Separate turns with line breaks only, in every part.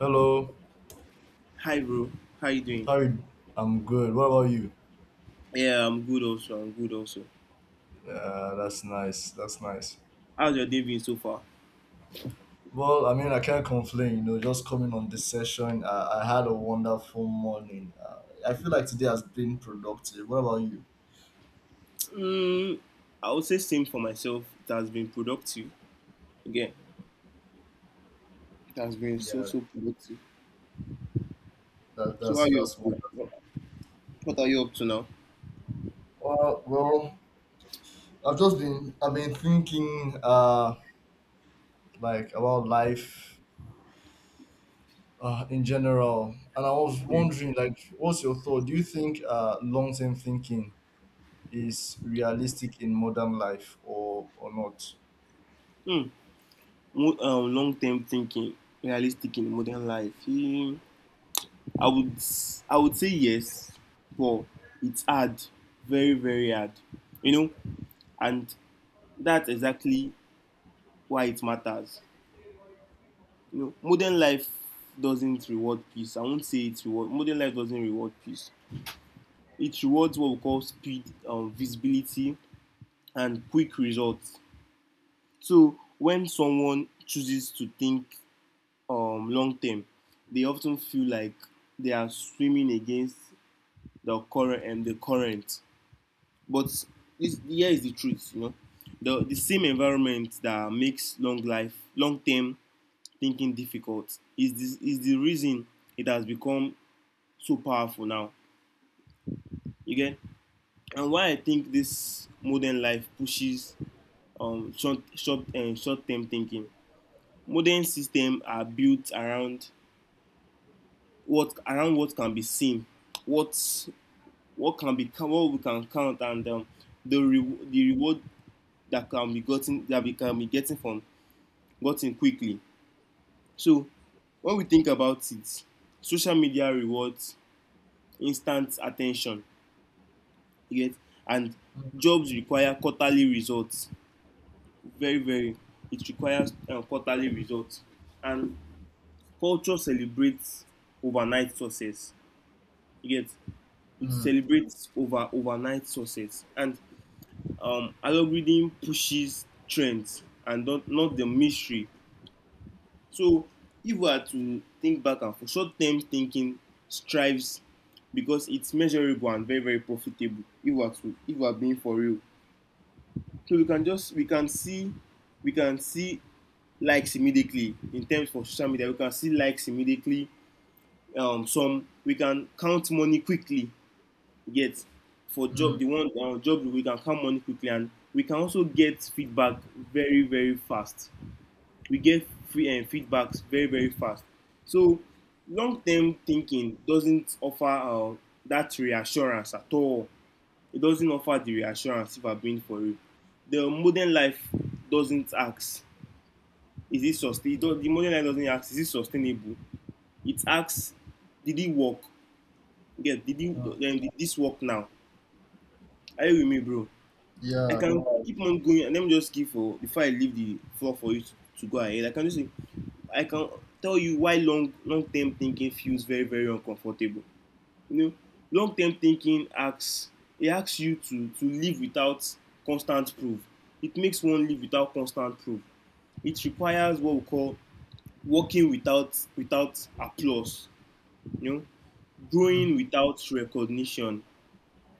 Hello,
Hi, bro. How you doing?
how you? I'm good. What about you?
Yeah, I'm good also. I'm good also.
Yeah, that's nice. That's nice.
How's your day been so far?
Well, I mean, I can't complain. You know, just coming on this session, I had a wonderful morning. I feel like today has been productive. What about you?
Mm, I would say same for myself. It has been productive. Again, it has been so
Yeah,
so productive.
that,
So how
that's
are you up
that's
to? Now?
wonderful.
What are you up to now?
Well, I've been thinking like about life in general, and I was
Mm.
wondering, like, what's your thought? Do you think long term thinking is realistic in modern life or not?
Mm. Long term thinking, realistic in modern life. Mm, I would say yes, but it's hard, very very hard. You know, and that's exactly why it matters you know, modern life doesn't reward peace. I won't say it reward. Modern life doesn't reward peace. It rewards what we call speed, visibility, and quick results. So when someone chooses to think long term, they often feel like they are swimming against the current and the current. But this, here is the truth, you know, the same environment that makes long life, long term thinking difficult is this is the reason it has become so powerful now. You get? And why I think this modern life pushes short term thinking. Modern systems are built around what can be seen, what what can be what we can count, and the reward that can be gotten that we can be getting from gotten quickly. So when we think about it, social media rewards instant attention. You get? And jobs require quarterly results very very it requires quarterly results and culture celebrates overnight success you get it
Mm,
celebrates over overnight success and algorithm pushes trends and not the mystery so if we are to think back and forth short-term thinking strives because it's measurable and very very profitable if we are to if we are being for real so we can just we can see likes immediately in terms of social media. We can see likes immediately. Some we can count money quickly. Get for
mm,
job the one job we can count money quickly, and we can also get feedback very very fast. We get free and feedbacks very very fast. So long term thinking doesn't offer that reassurance at all. It doesn't offer the reassurance if I'm being for you. The modern life doesn't ask is it sustainable? The money line doesn't ask, is it sustainable? It asks, did it work? Yeah, did
mm.
it? Then did this work now? Are you with me, bro? I
Yeah.
can keep on going and let me just give for before I leave the floor for you to go ahead. I can just say I can tell you why long long term thinking feels very, very uncomfortable. You know, long term thinking asks it asks you to live without constant proof. It makes one live without constant proof. It requires what we call working without applause, you know,
Mm,
growing without recognition,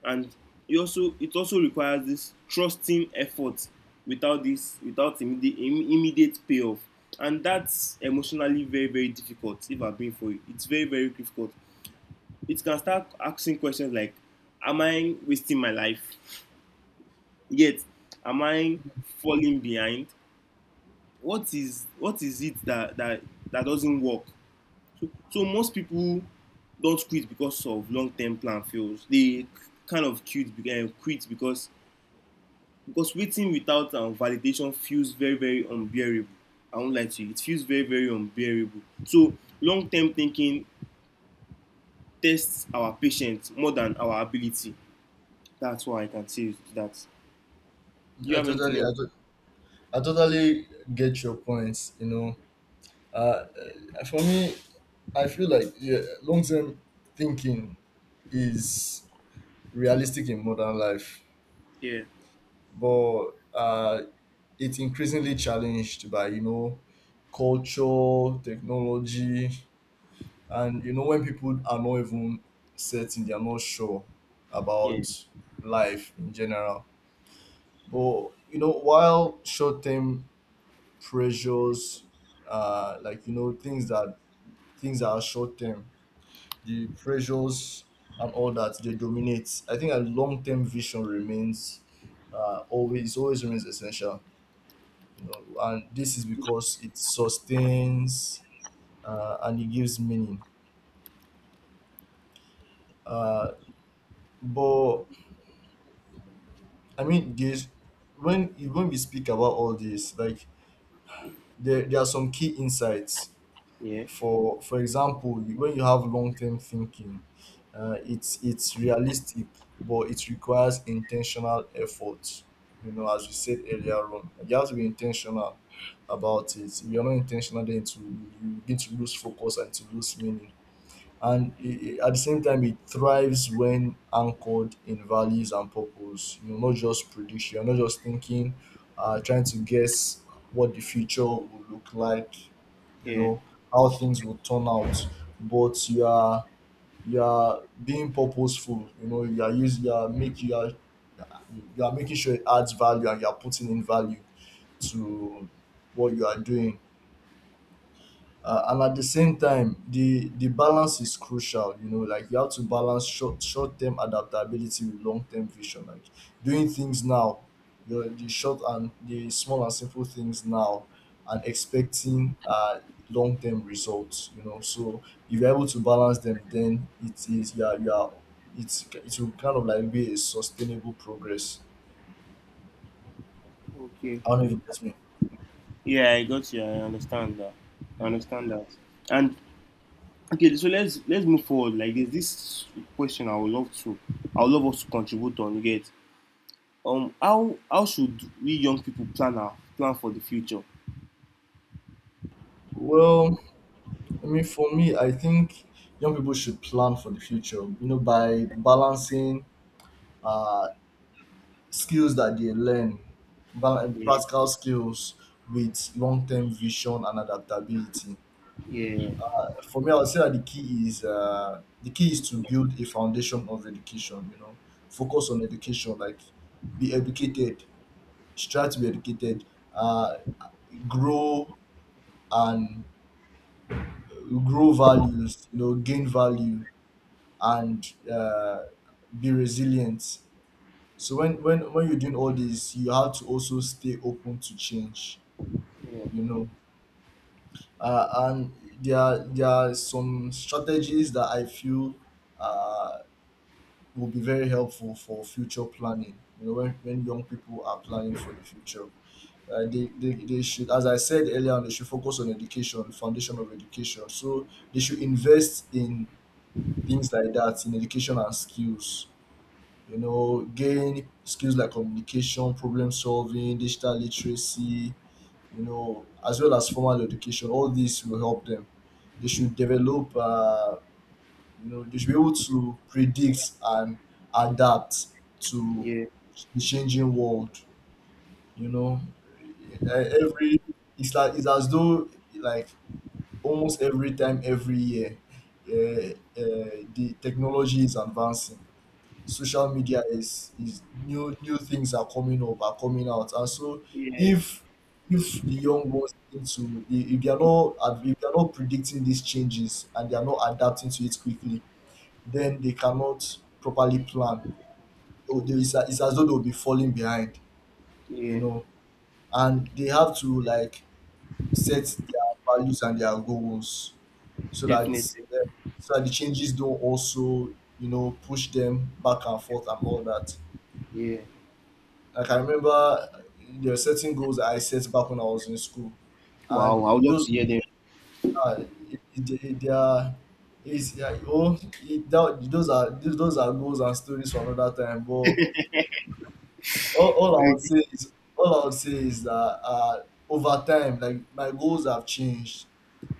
and it also requires this trusting effort without this without immediate payoff, and that's emotionally very very difficult. If I've been for you, it's very very difficult. It can start asking questions like, "Am I wasting my life?" Yet, am I
mm.
falling behind? What is it that doesn't work? So, so most people don't quit because of long-term plan fails. They kind of quit, quit because waiting without validation feels very very unbearable. I won't lie to you, it feels very very unbearable. So long-term thinking tests our patience more than our ability. That's what I can say to that. Do you
I
have anything
totally,
else?
I, to- I totally get your points. You know, uh, for me, I feel like, yeah, long term thinking is realistic in modern life,
Yeah,
but uh, it's increasingly challenged by, you know, culture, technology, and you know, when people are not even certain, they are not sure about
yeah,
life in general. But you know, while short term pressures, like, you know, things that are short term, the pressures and all that, they dominate. I think a long term vision remains always remains essential. You know, and this is because it sustains and it gives meaning. Uh, but I mean, this, when when we speak about all this, like, there are some key insights.
yeah,
For example, when you have long term thinking, it's realistic, but it requires intentional effort. You know, as we said earlier on, you have to be intentional about it. If you're not intentional, then to you begin to lose focus and to lose meaning, and at the same time it thrives when anchored in values and purpose, you know, not just prediction. You're not just thinking, trying to guess what the future will look like, you
yeah.
know, how things will turn out, but you are, you are being purposeful. You know, you are making sure it adds value and you are putting in value to what you are doing. And at the same time, the balance is crucial. You know, like, you have to balance short term adaptability with long term vision, like doing things now, you know, the short and the small and simple things now, and expecting long term results, you know. So if you're able to balance them, then it is, yeah, you are, it's, it will kind of like be a sustainable progress.
Okay.
I don't know if you get me.
Yeah, I got you. I understand that. I understand that. And okay, so let's move forward. Like there's this question I would love to I would love us to contribute on. You get how should we young people plan our plan for the future?
Well, I mean, for me, I think young people should plan for the future, you know, by balancing uh, skills that they learn,
Yeah,
practical skills with long term vision and adaptability.
yeah,
For me, I would say that the key is to build a foundation of education. You know, focus on education, like, be educated, strive to be educated, uh, grow, and grow values. You know, gain value and be resilient. So when you're doing all this, you have to also stay open to change. You know, and there are some strategies that I feel uh, will be very helpful for future planning. You know, when young people are planning for the future. They should, as I said earlier on, they should focus on education, foundation of education. So they should invest in things like that, in education and skills, you know, gain skills like communication, problem solving, digital literacy, you know, as well as formal education. All these will help them. They should develop, you know, they should be able to predict and adapt to
yeah,
the changing world. You know, every, it's like, it's as though, like, almost every time every year, the technology is advancing, social media is, new new things are coming up, are coming out, and so
yeah,
if if the young ones into the, if they are not if they are not predicting these changes and they are not adapting to it quickly, then they cannot properly plan. So there is a, it's as though they'll be falling behind, you
yeah,
know, and they have to, like, set their values and their goals so that,
definitely.
so that the changes don't also, you know, push them back and forth and all that.
Yeah.
Like, I remember there were certain goals I set back when I was in school,
Wow, I
and
would love
those
to hear them.
are they are is yeah, oh it, that, those are goals and stories for another time. But all I would say is that, uh, over time, like, my goals have changed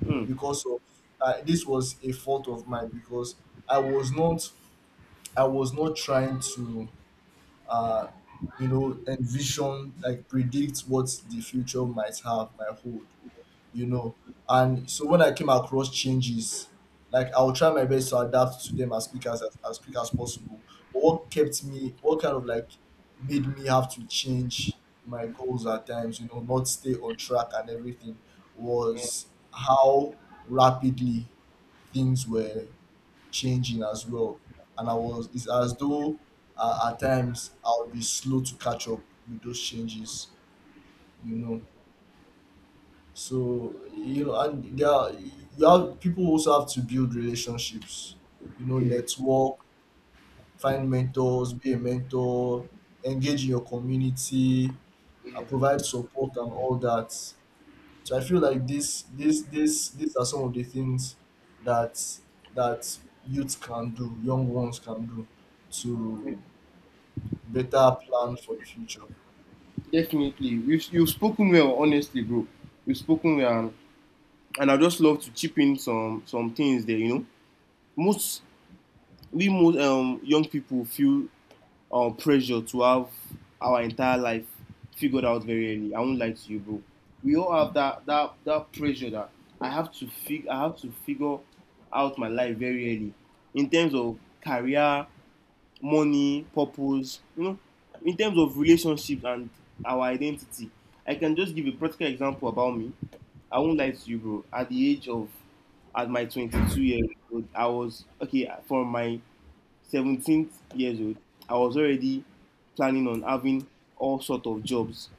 Mm.
because of, this was a fault of mine because I was not I was not trying to, uh, you know, envision, like, predict what the future might have, might hold, you know. And so when I came across changes, like, I'll try my best to adapt to them as quick as as quick as possible. But what kept me, what kind of like made me have to change my goals at times, you know, not stay on track and everything,
Yeah,
was how rapidly things were changing as well. And I was, it's as though, at times I'll be slow to catch up with those changes, you know. So, you know, and you have, people also have to build relationships, you know,
yeah,
network, find mentors, be a mentor, engage in your community,
yeah.
provide support and all that. So I feel like these are some of the things that that youth can do, young ones can do,
de-
to better plan for the future.
Definitely. You've spoken well, honestly, bro. You've spoken well and I just love to chip in some things there, you know. Most we most young people feel pressure to have our entire life figured out very early. I won't lie to you, bro. We all have
Mm.
that pressure that I have to figure out my life very early in terms of career, money, purpose, you know, in terms of relationships and our identity. I can just give a practical example about me. I won't lie to you, bro. At the age of at my 22 years old, I was okay from my 17 years old, I was already planning on having all sort of jobs.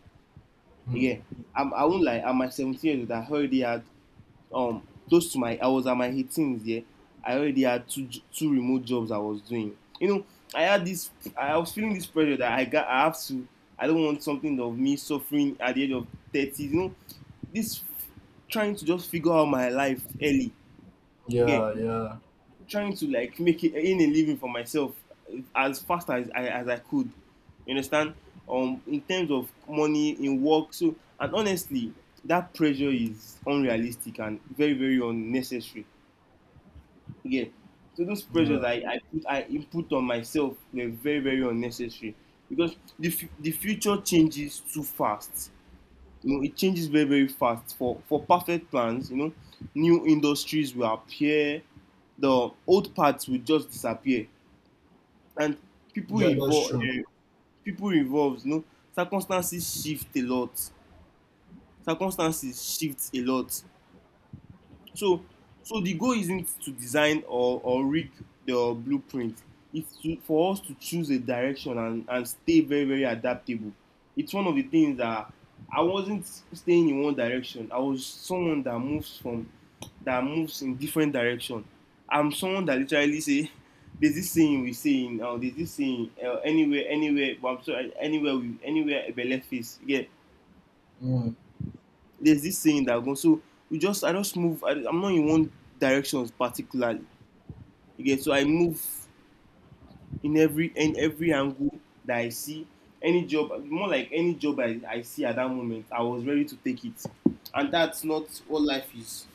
Mm.
Yeah, I won't lie. At my 17 years old, I already had close to my. I was at my 18s. Yeah, I already had two remote jobs I was doing. You know, I had this. I was feeling this pressure that I got. I have to. I don't want something of me suffering at the age of 30. You know, this f- trying to just figure out my life early. Okay,
Yeah, yeah,
trying to like make it in a living for myself as fast as I could. You understand? In terms of money in work, so and honestly, that pressure is unrealistic and very very unnecessary. Yeah. So those pressures
yeah,
I input on myself were very very unnecessary because the future changes too fast. You know, it changes very, very fast. For perfect plans, you know, new industries will appear, the old parts will just disappear, and people
yeah. That's
involved,
true.
uh, people involved, you know, circumstances shift a lot. Circumstances shift a lot. So, so the goal isn't to design or rig the blueprint. It's to, for us to choose a direction and stay very, very adaptable. It's one of the things that I wasn't staying in one direction. I was someone that moves from that moves in different direction. I'm someone that literally say there's this saying we say in there's this saying anywhere but I'm sorry anywhere we anywhere a belle face. Yeah
Mm.
there's this saying that goes so you just I just move I, I'm not in one direction particularly okay so I move in every angle that I see any job more like any job i see at that moment I was ready to take it and that's not what life is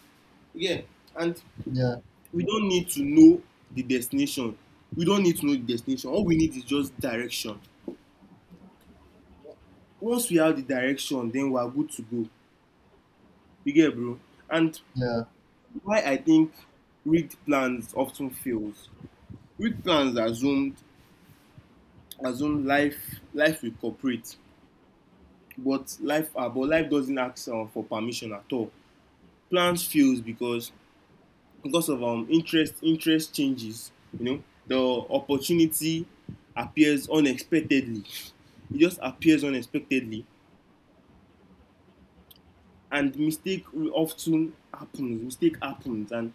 you and
Yeah,
we don't need to know the destination we don't need to know the destination all we need is just direction once we have the direction then we are good to go you get bro and
yeah,
why I think rigged plans often fails Route plans assumed assume life will cooperate, but life doesn't ask for permission at all. Plans fails because of interest interest changes. You know the opportunity appears unexpectedly. It just appears unexpectedly, and mistake will often happens. Mistake happens, and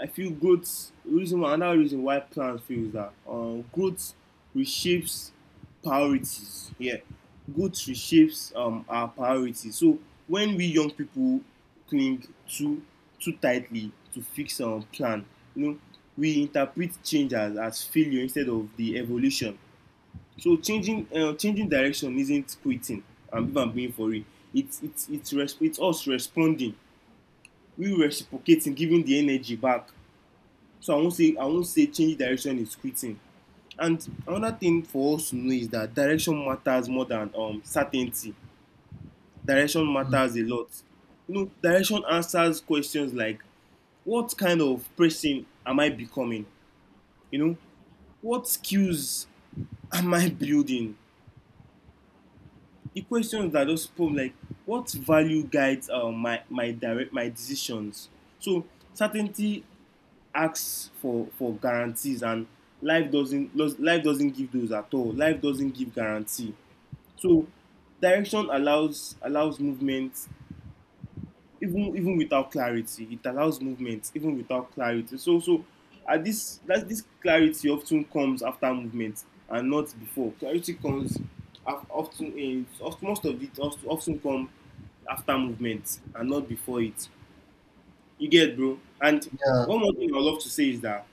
I feel growth reason why another reason why plans fail is that growth reshapes priorities. Yeah, growth reshapes our priorities. So when we young people cling too tightly to fix our plan, you know, we interpret change as failure instead of the evolution. So changing changing direction isn't quitting. I'm even being for it. It's us responding. We reciprocating, giving the energy back so I won't say change direction is quitting. And another thing for us to know is that direction matters more than certainty. Direction
mm,
matters a lot. You know, direction answers questions like what kind of person am I becoming? You know, what skills am I building? The questions that just put like what value guides my decisions. So certainty asks for guarantees and life doesn't give those at all life doesn't give guarantee so direction allows movement even even without clarity it allows movement even without clarity so so at this that this clarity often comes after movement and not before clarity comes often in most of it often come after movement and not before it you get bro and
yeah,
one more thing I would love to say is that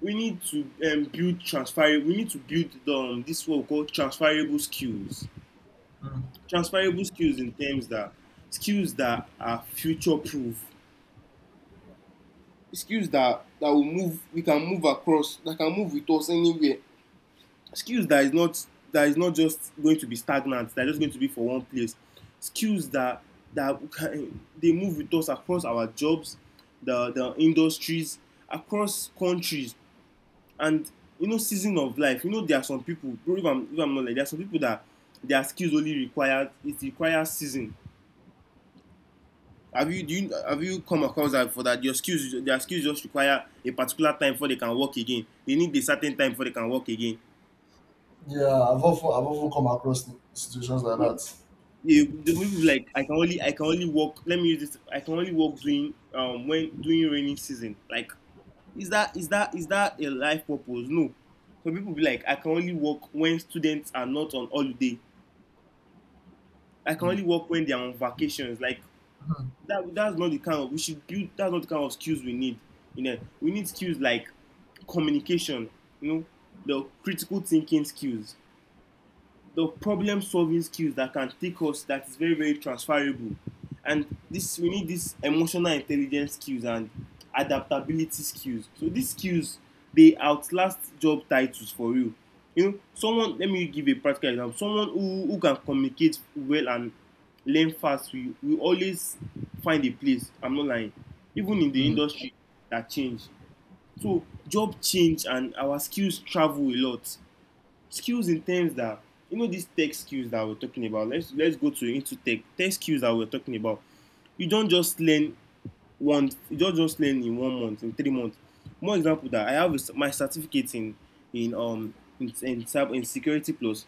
we need to build transferable. We need to build this what we call transferable skills.
mm,
Transferable skills in terms that skills that are future proof, skills that that will move. We can move across. That can move with us anywhere. Skills that is not just going to be stagnant. That is just going to be for one place. Skills that that can, they move with us across our jobs, the industries, across countries. And, season of life, there are some people. If I'm not, like, there are some people that their skills only require, it requires season. Have you come across that, for that your skills their skills just require a particular time before they can work again? They need a certain time before they can work again.
yeah. I've often come across situations like
you
that.
you there may be, like, I can only work let me use this I can only work during rainy season, like. Is that a life purpose? No. Some people be like, I can only work when students are not on holiday. I can only
Mm.
work when they are on vacations. Like,
Mm.
that's not the kind of we should build. That's not the kind of skills we need. You know, we need skills like communication, you know, the critical thinking skills, the problem solving skills that can take us, that is very, very transferable, and this we need this emotional intelligence skills and adaptability skills, so these skills dey outlast job titles for real. You know, someone, let me give a practical example. Someone who can communicate well and learn fast will always find a place. I'm not lying, even in the
Mm.
industry that change. So job change and our skills travel a lot. Skills in terms that, you know, these tech skills that we're talking about. Let's go to into tech skills that we're talking about. You don't just learn one. You don't just learn in 1 month, in 3 months. More example that I have is my certificate in um in cyber, in security plus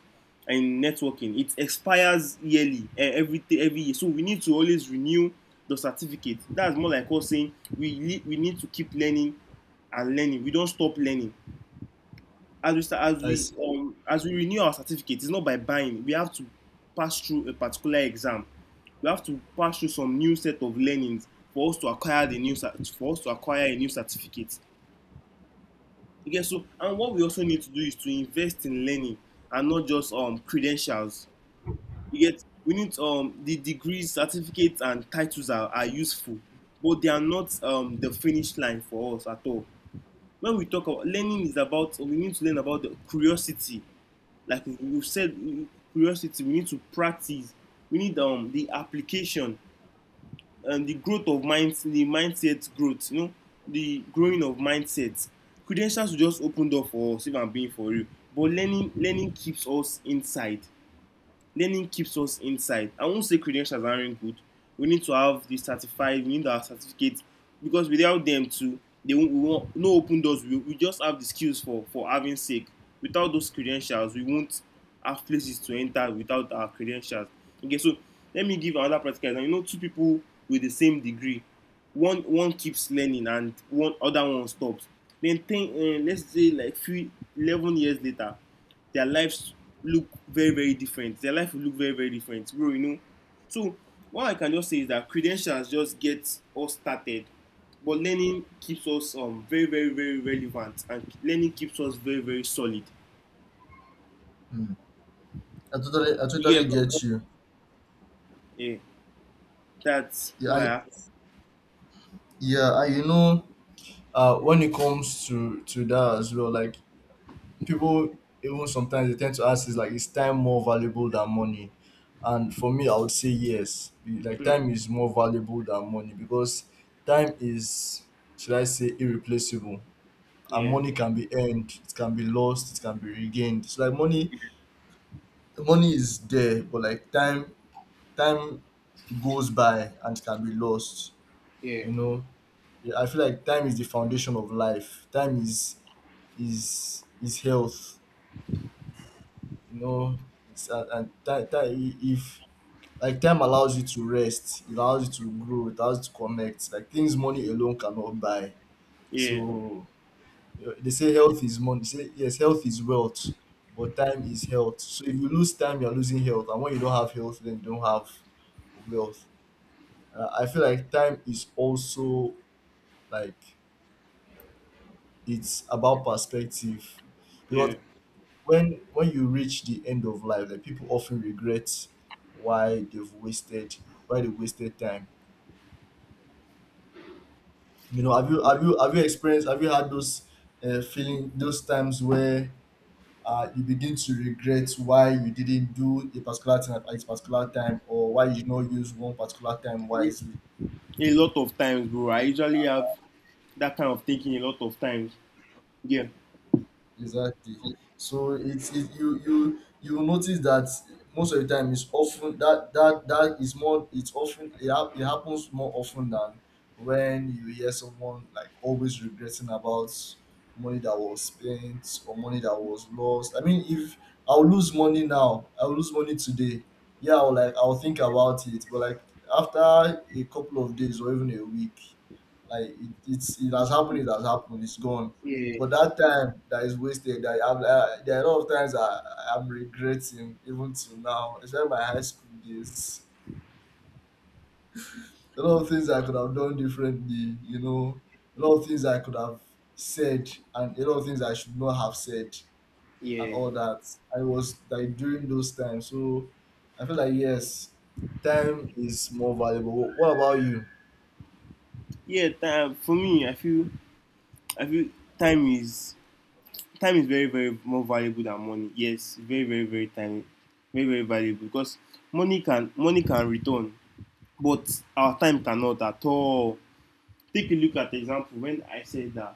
and networking. It expires yearly, eh, every year, so we need to always renew the certificate. That's more like us saying we need to keep learning and learning. We don't stop learning as we start,
I see.
as we renew our certificate. It's not by buying. We have to pass through a particular exam. We have to pass through some new set of learnings for us to acquire the new for us to acquire a new certificate. Okay, so and what we also need to do is to invest in learning and not just credentials. You get, we need the degrees, certificates, and titles are useful, but they are not the finish line for us at all. When we talk about learning is about we need to learn about the curiosity, like we've said. Curiosity, we need to practice, we need the application and the growth of mind, the mindset growth, you know, the growing of mindset. Credentials will just open door for us, if I'm being for real, but learning keeps us inside. Learning keeps us inside. I won't say credentials aren't really good. We need to have the certified, we need our certificates, because without them too, they won't, we won't no open doors. We just have the skills for having sake. Without those credentials, we won't have places to enter without our credentials. Okay, so let me give another practical example. You know, two people with the same degree, one keeps learning and one other one stops. Then let's say like 3 11 years later, their lives look very, very different. Their life will look very, very different, bro, you know. So what I can just say is that credentials just get us started, but learning keeps us very, very, very relevant, and learning keeps us very, very solid.
Mm. I
You
totally
get, bro.
get you.
Yeah, that's
Yeah,
what I
I,
have.
yeah. I, you know, when it comes to that as well, like, people even sometimes they tend to ask, is like, is time more valuable than money? And for me, I would say yes. Like,
Mm,
time is more valuable than money because time is, should I say, irreplaceable, and
yeah.
money can be earned, it can be lost, it can be regained. So, like, money, money is there, but, like, time, time goes by and can be lost,
Yeah.
you know. Yeah, I feel like time is the foundation of life. Time is, is health, you know. It's, and that time, if, like, time allows you to rest, it allows you to grow, it allows you to connect, like, things money alone cannot buy.
Yeah,
So you know, they say health is money, they say, yes, health is wealth, but time is health. So if you lose time, you're losing health, and when you don't have health, then you don't have wealth. I feel like time is also, like, it's about perspective
yeah.
because when you reach the end of life, like, people often regret why they've wasted, why they wasted time. You know,
Like,
have you experienced, have you had those, feeling those times where, you begin to regret why you didn't do a particular thing at a particular time or why you did not use one particular time
a
wisely?
a lot of times, bro, I usually have that kind of thinking a lot of times. Yeah.
Exactly. So it's it, you will notice that most of the time, it's often that is more, it's often it, it happens more often than when you hear someone like always regretting about money that was spent or money that was lost. I mean, if I'll lose money now, I'll lose money today. Yeah, I'll, like, I'll think about it, but, like, after a couple of days or even a week, like, it, it's, it has happened. It has happened. It's gone.
Yeah.
But that time that is wasted, that I've, there are a lot of times I, I'm regretting even till now, especially my high school days. A lot of things I could have done differently, you know, a lot of things I could have said, and a lot of things I should not have said, and
Yeah.
all that. I was, like, during those times. So I feel like, yes, time is more valuable. What about you?
Yeah, time for me, I feel time is time is very, very more valuable than money. Yes, very, very, very time, very, very valuable, because money can return, but our time cannot at all. Take a look at the example when I said that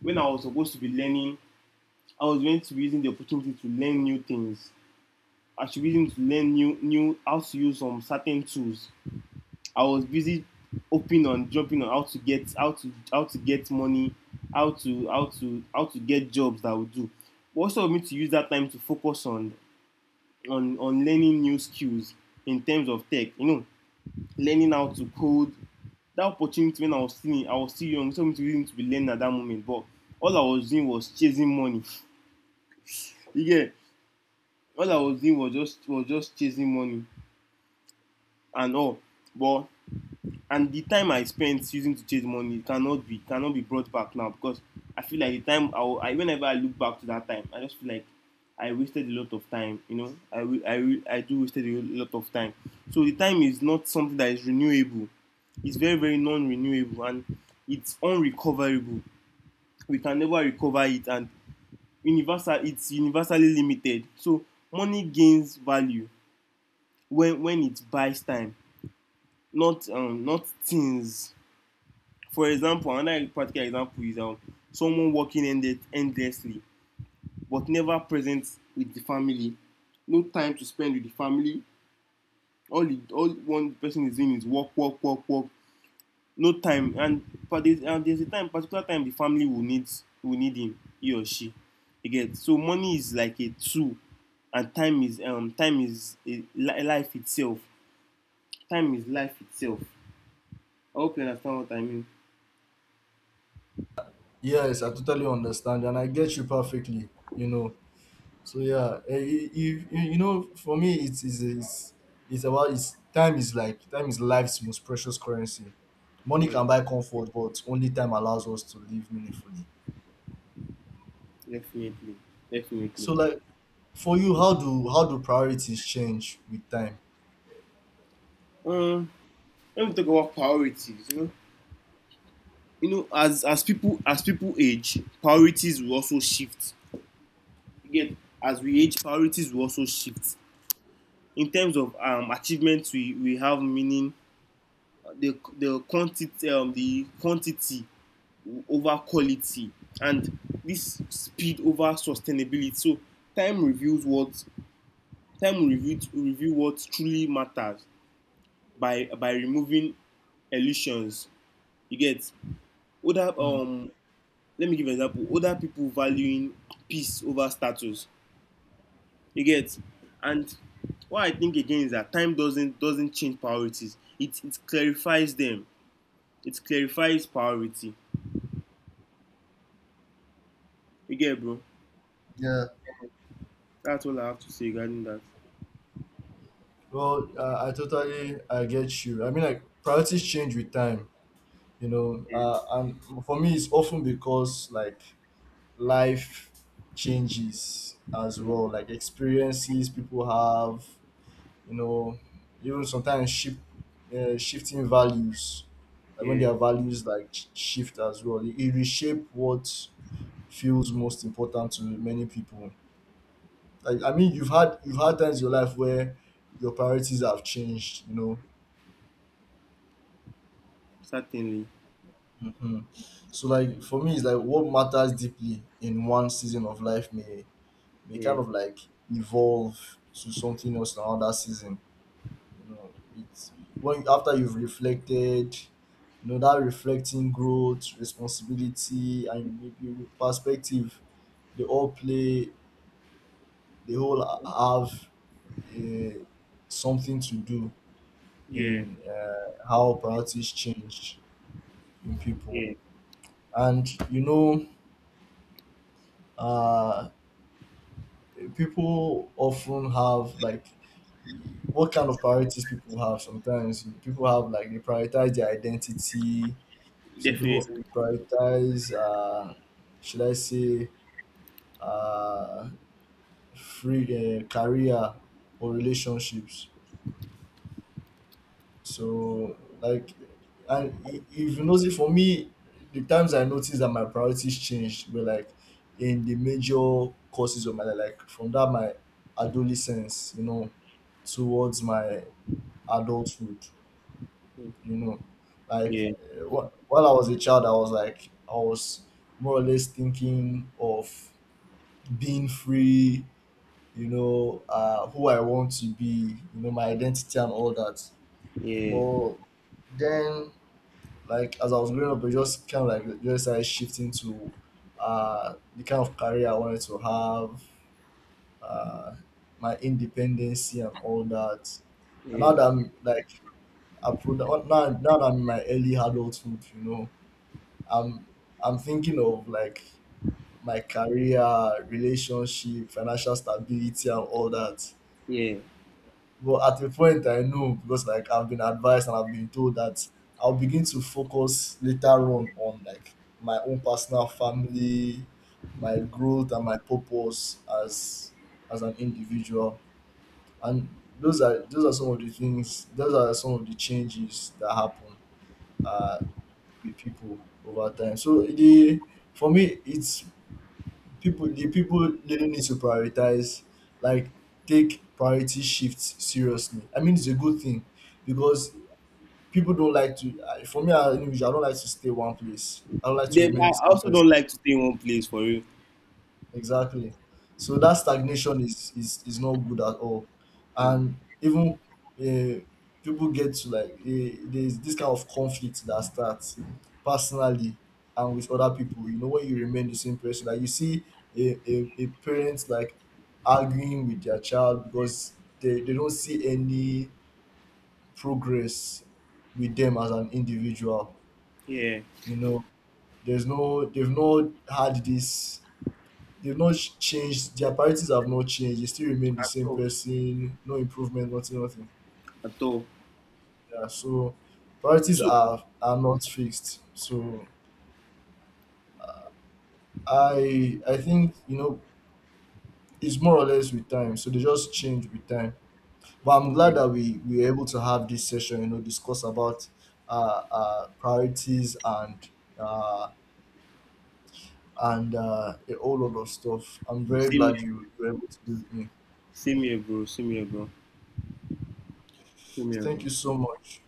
when I was supposed to be learning, I was going to be using the opportunity to learn new things. I should be using to learn new new how to use some certain tools. I was busy hoping on jumping on how to get money, how to get jobs that I would do. What for me to use that time to focus on learning new skills in terms of tech, you know, learning how to code. That opportunity when I was still young, so me to reason to be learning at that moment. But all I was doing was chasing money. You get, all I was doing was just chasing money and all. But and the time I spent using to chase money cannot be brought back now, because I feel like the time I whenever I look back to that time, I just feel like I wasted a lot of time. You know, I I do wasted a lot of time. So the time is not something that is renewable. It's very, very non-renewable, and it's unrecoverable. We can never recover it, and universal. It's universally limited. So money gains value when it buys time, not not things. For example, another practical example is, someone working ended endlessly but never present with the family. No time to spend with the family. All one person is doing is work, work, work, work. No time, and but there's, and there's a time, particular time the family will need him, he or she. You get, so money is like a tool, and time is a, life itself. Time is life itself. I hope you understand what I mean.
Yes, I totally understand, and I get you perfectly, you know. So yeah, eh, if you, you know, for me, it's it's about, it's, time is like, time is life's most precious currency. Money
Yeah.
can buy comfort, but only time allows us to live meaningfully.
Definitely, definitely.
So, like, for you, how do, how do priorities change with time?
Um, when we talk about priorities, you know, as people age, priorities will also shift. You get, as we age, priorities will also shift in terms of, achievements we have meaning, the quantity, the quantity over quality, and this speed over sustainability. So time reveals what, time review what truly matters by removing illusions. You get, older,
Hmm.
let me give an example. Older people valuing peace over status. You get, and what I think again is that time doesn't change priorities, it clarifies them. It clarifies priority. You get, bro.
Yeah.
That's all I have to say regarding that.
Well, I totally I get you. I mean, like, priorities change with time.
Yeah.
And for me, it's often because like life changes as
Yeah,
well, like experiences people have, you know, even sometimes shift, shifting values, like when
yeah.
their values like shift as well, it reshape what feels most important to many people. Like I mean, you've had times in your life where your priorities have changed, you know.
Certainly.
Hmm. So like for me, it's like what matters deeply in one season of life may
Yeah,
kind of like evolve to something else in another season, you know. It's when after you've reflected, you know, that reflecting growth, responsibility, and maybe perspective, they all play, they all have, uh, something to do
yeah,
in how priorities change in people.
yeah.
And you know, uh, people often have like, what kind of priorities people have. Sometimes people have like they prioritize their identity. Some people
Definitely.
prioritize, should I say, uh, free, career or relationships. So, like, and if you notice, for me, the times I noticed that my priorities changed were like in the major courses of my life, like from that my adolescence, you know, towards my adulthood. You know, like
Yeah,
while I was a child, I was like I was more or less thinking of being free, you know, who I want to be, you know, my identity and all that.
yeah,
But then, like as I was growing up, I just kind of like just started shifting to the kind of career I wanted to have, uh my independency and all that. And now
yeah,
that I'm like now that I'm in my early adulthood, you know, I'm I'm thinking of like my career, relationship, financial stability, and all that.
yeah.
But at a point, I know because like I've been advised and I've been told that I'll begin to focus later on like my own personal family, my growth, and my purpose as an individual. And those are some of the things. Those are some of the changes that happen, uh, with people over time. So the, for me, it's people the people really need to prioritize, like take priority shifts seriously. I mean it's a good thing, because people don't like to, for me as an individual, I don't like to stay one place, I don't like to
Then
remain
I
the same
also
person.
don't like to stay in one place for you.
Exactly. So that stagnation is not good at all,
Mm.
and even uh, people get to like, there's this kind of conflict that starts personally and with other people. You know, when you remain the same person, like you see a parent like arguing with their child because they don't see any progress with them as an individual.
Yeah,
You know, there's no, they've not had this, they've not changed. Their priorities have not changed. They still remain the
at
same
all,
person. No improvement. Nothing. Nothing.
at all.
Yeah. So priorities
So,
are not fixed. So I think, you know, it's more or less with time. So they just change with time. But I'm
yeah.
glad that we were able to have this session. You know, discuss about priorities and uh a whole lot of stuff. I'm very
Same
glad
here.
you were able to be with me.
See me a, see me a, see me
Thank you
a.
so much.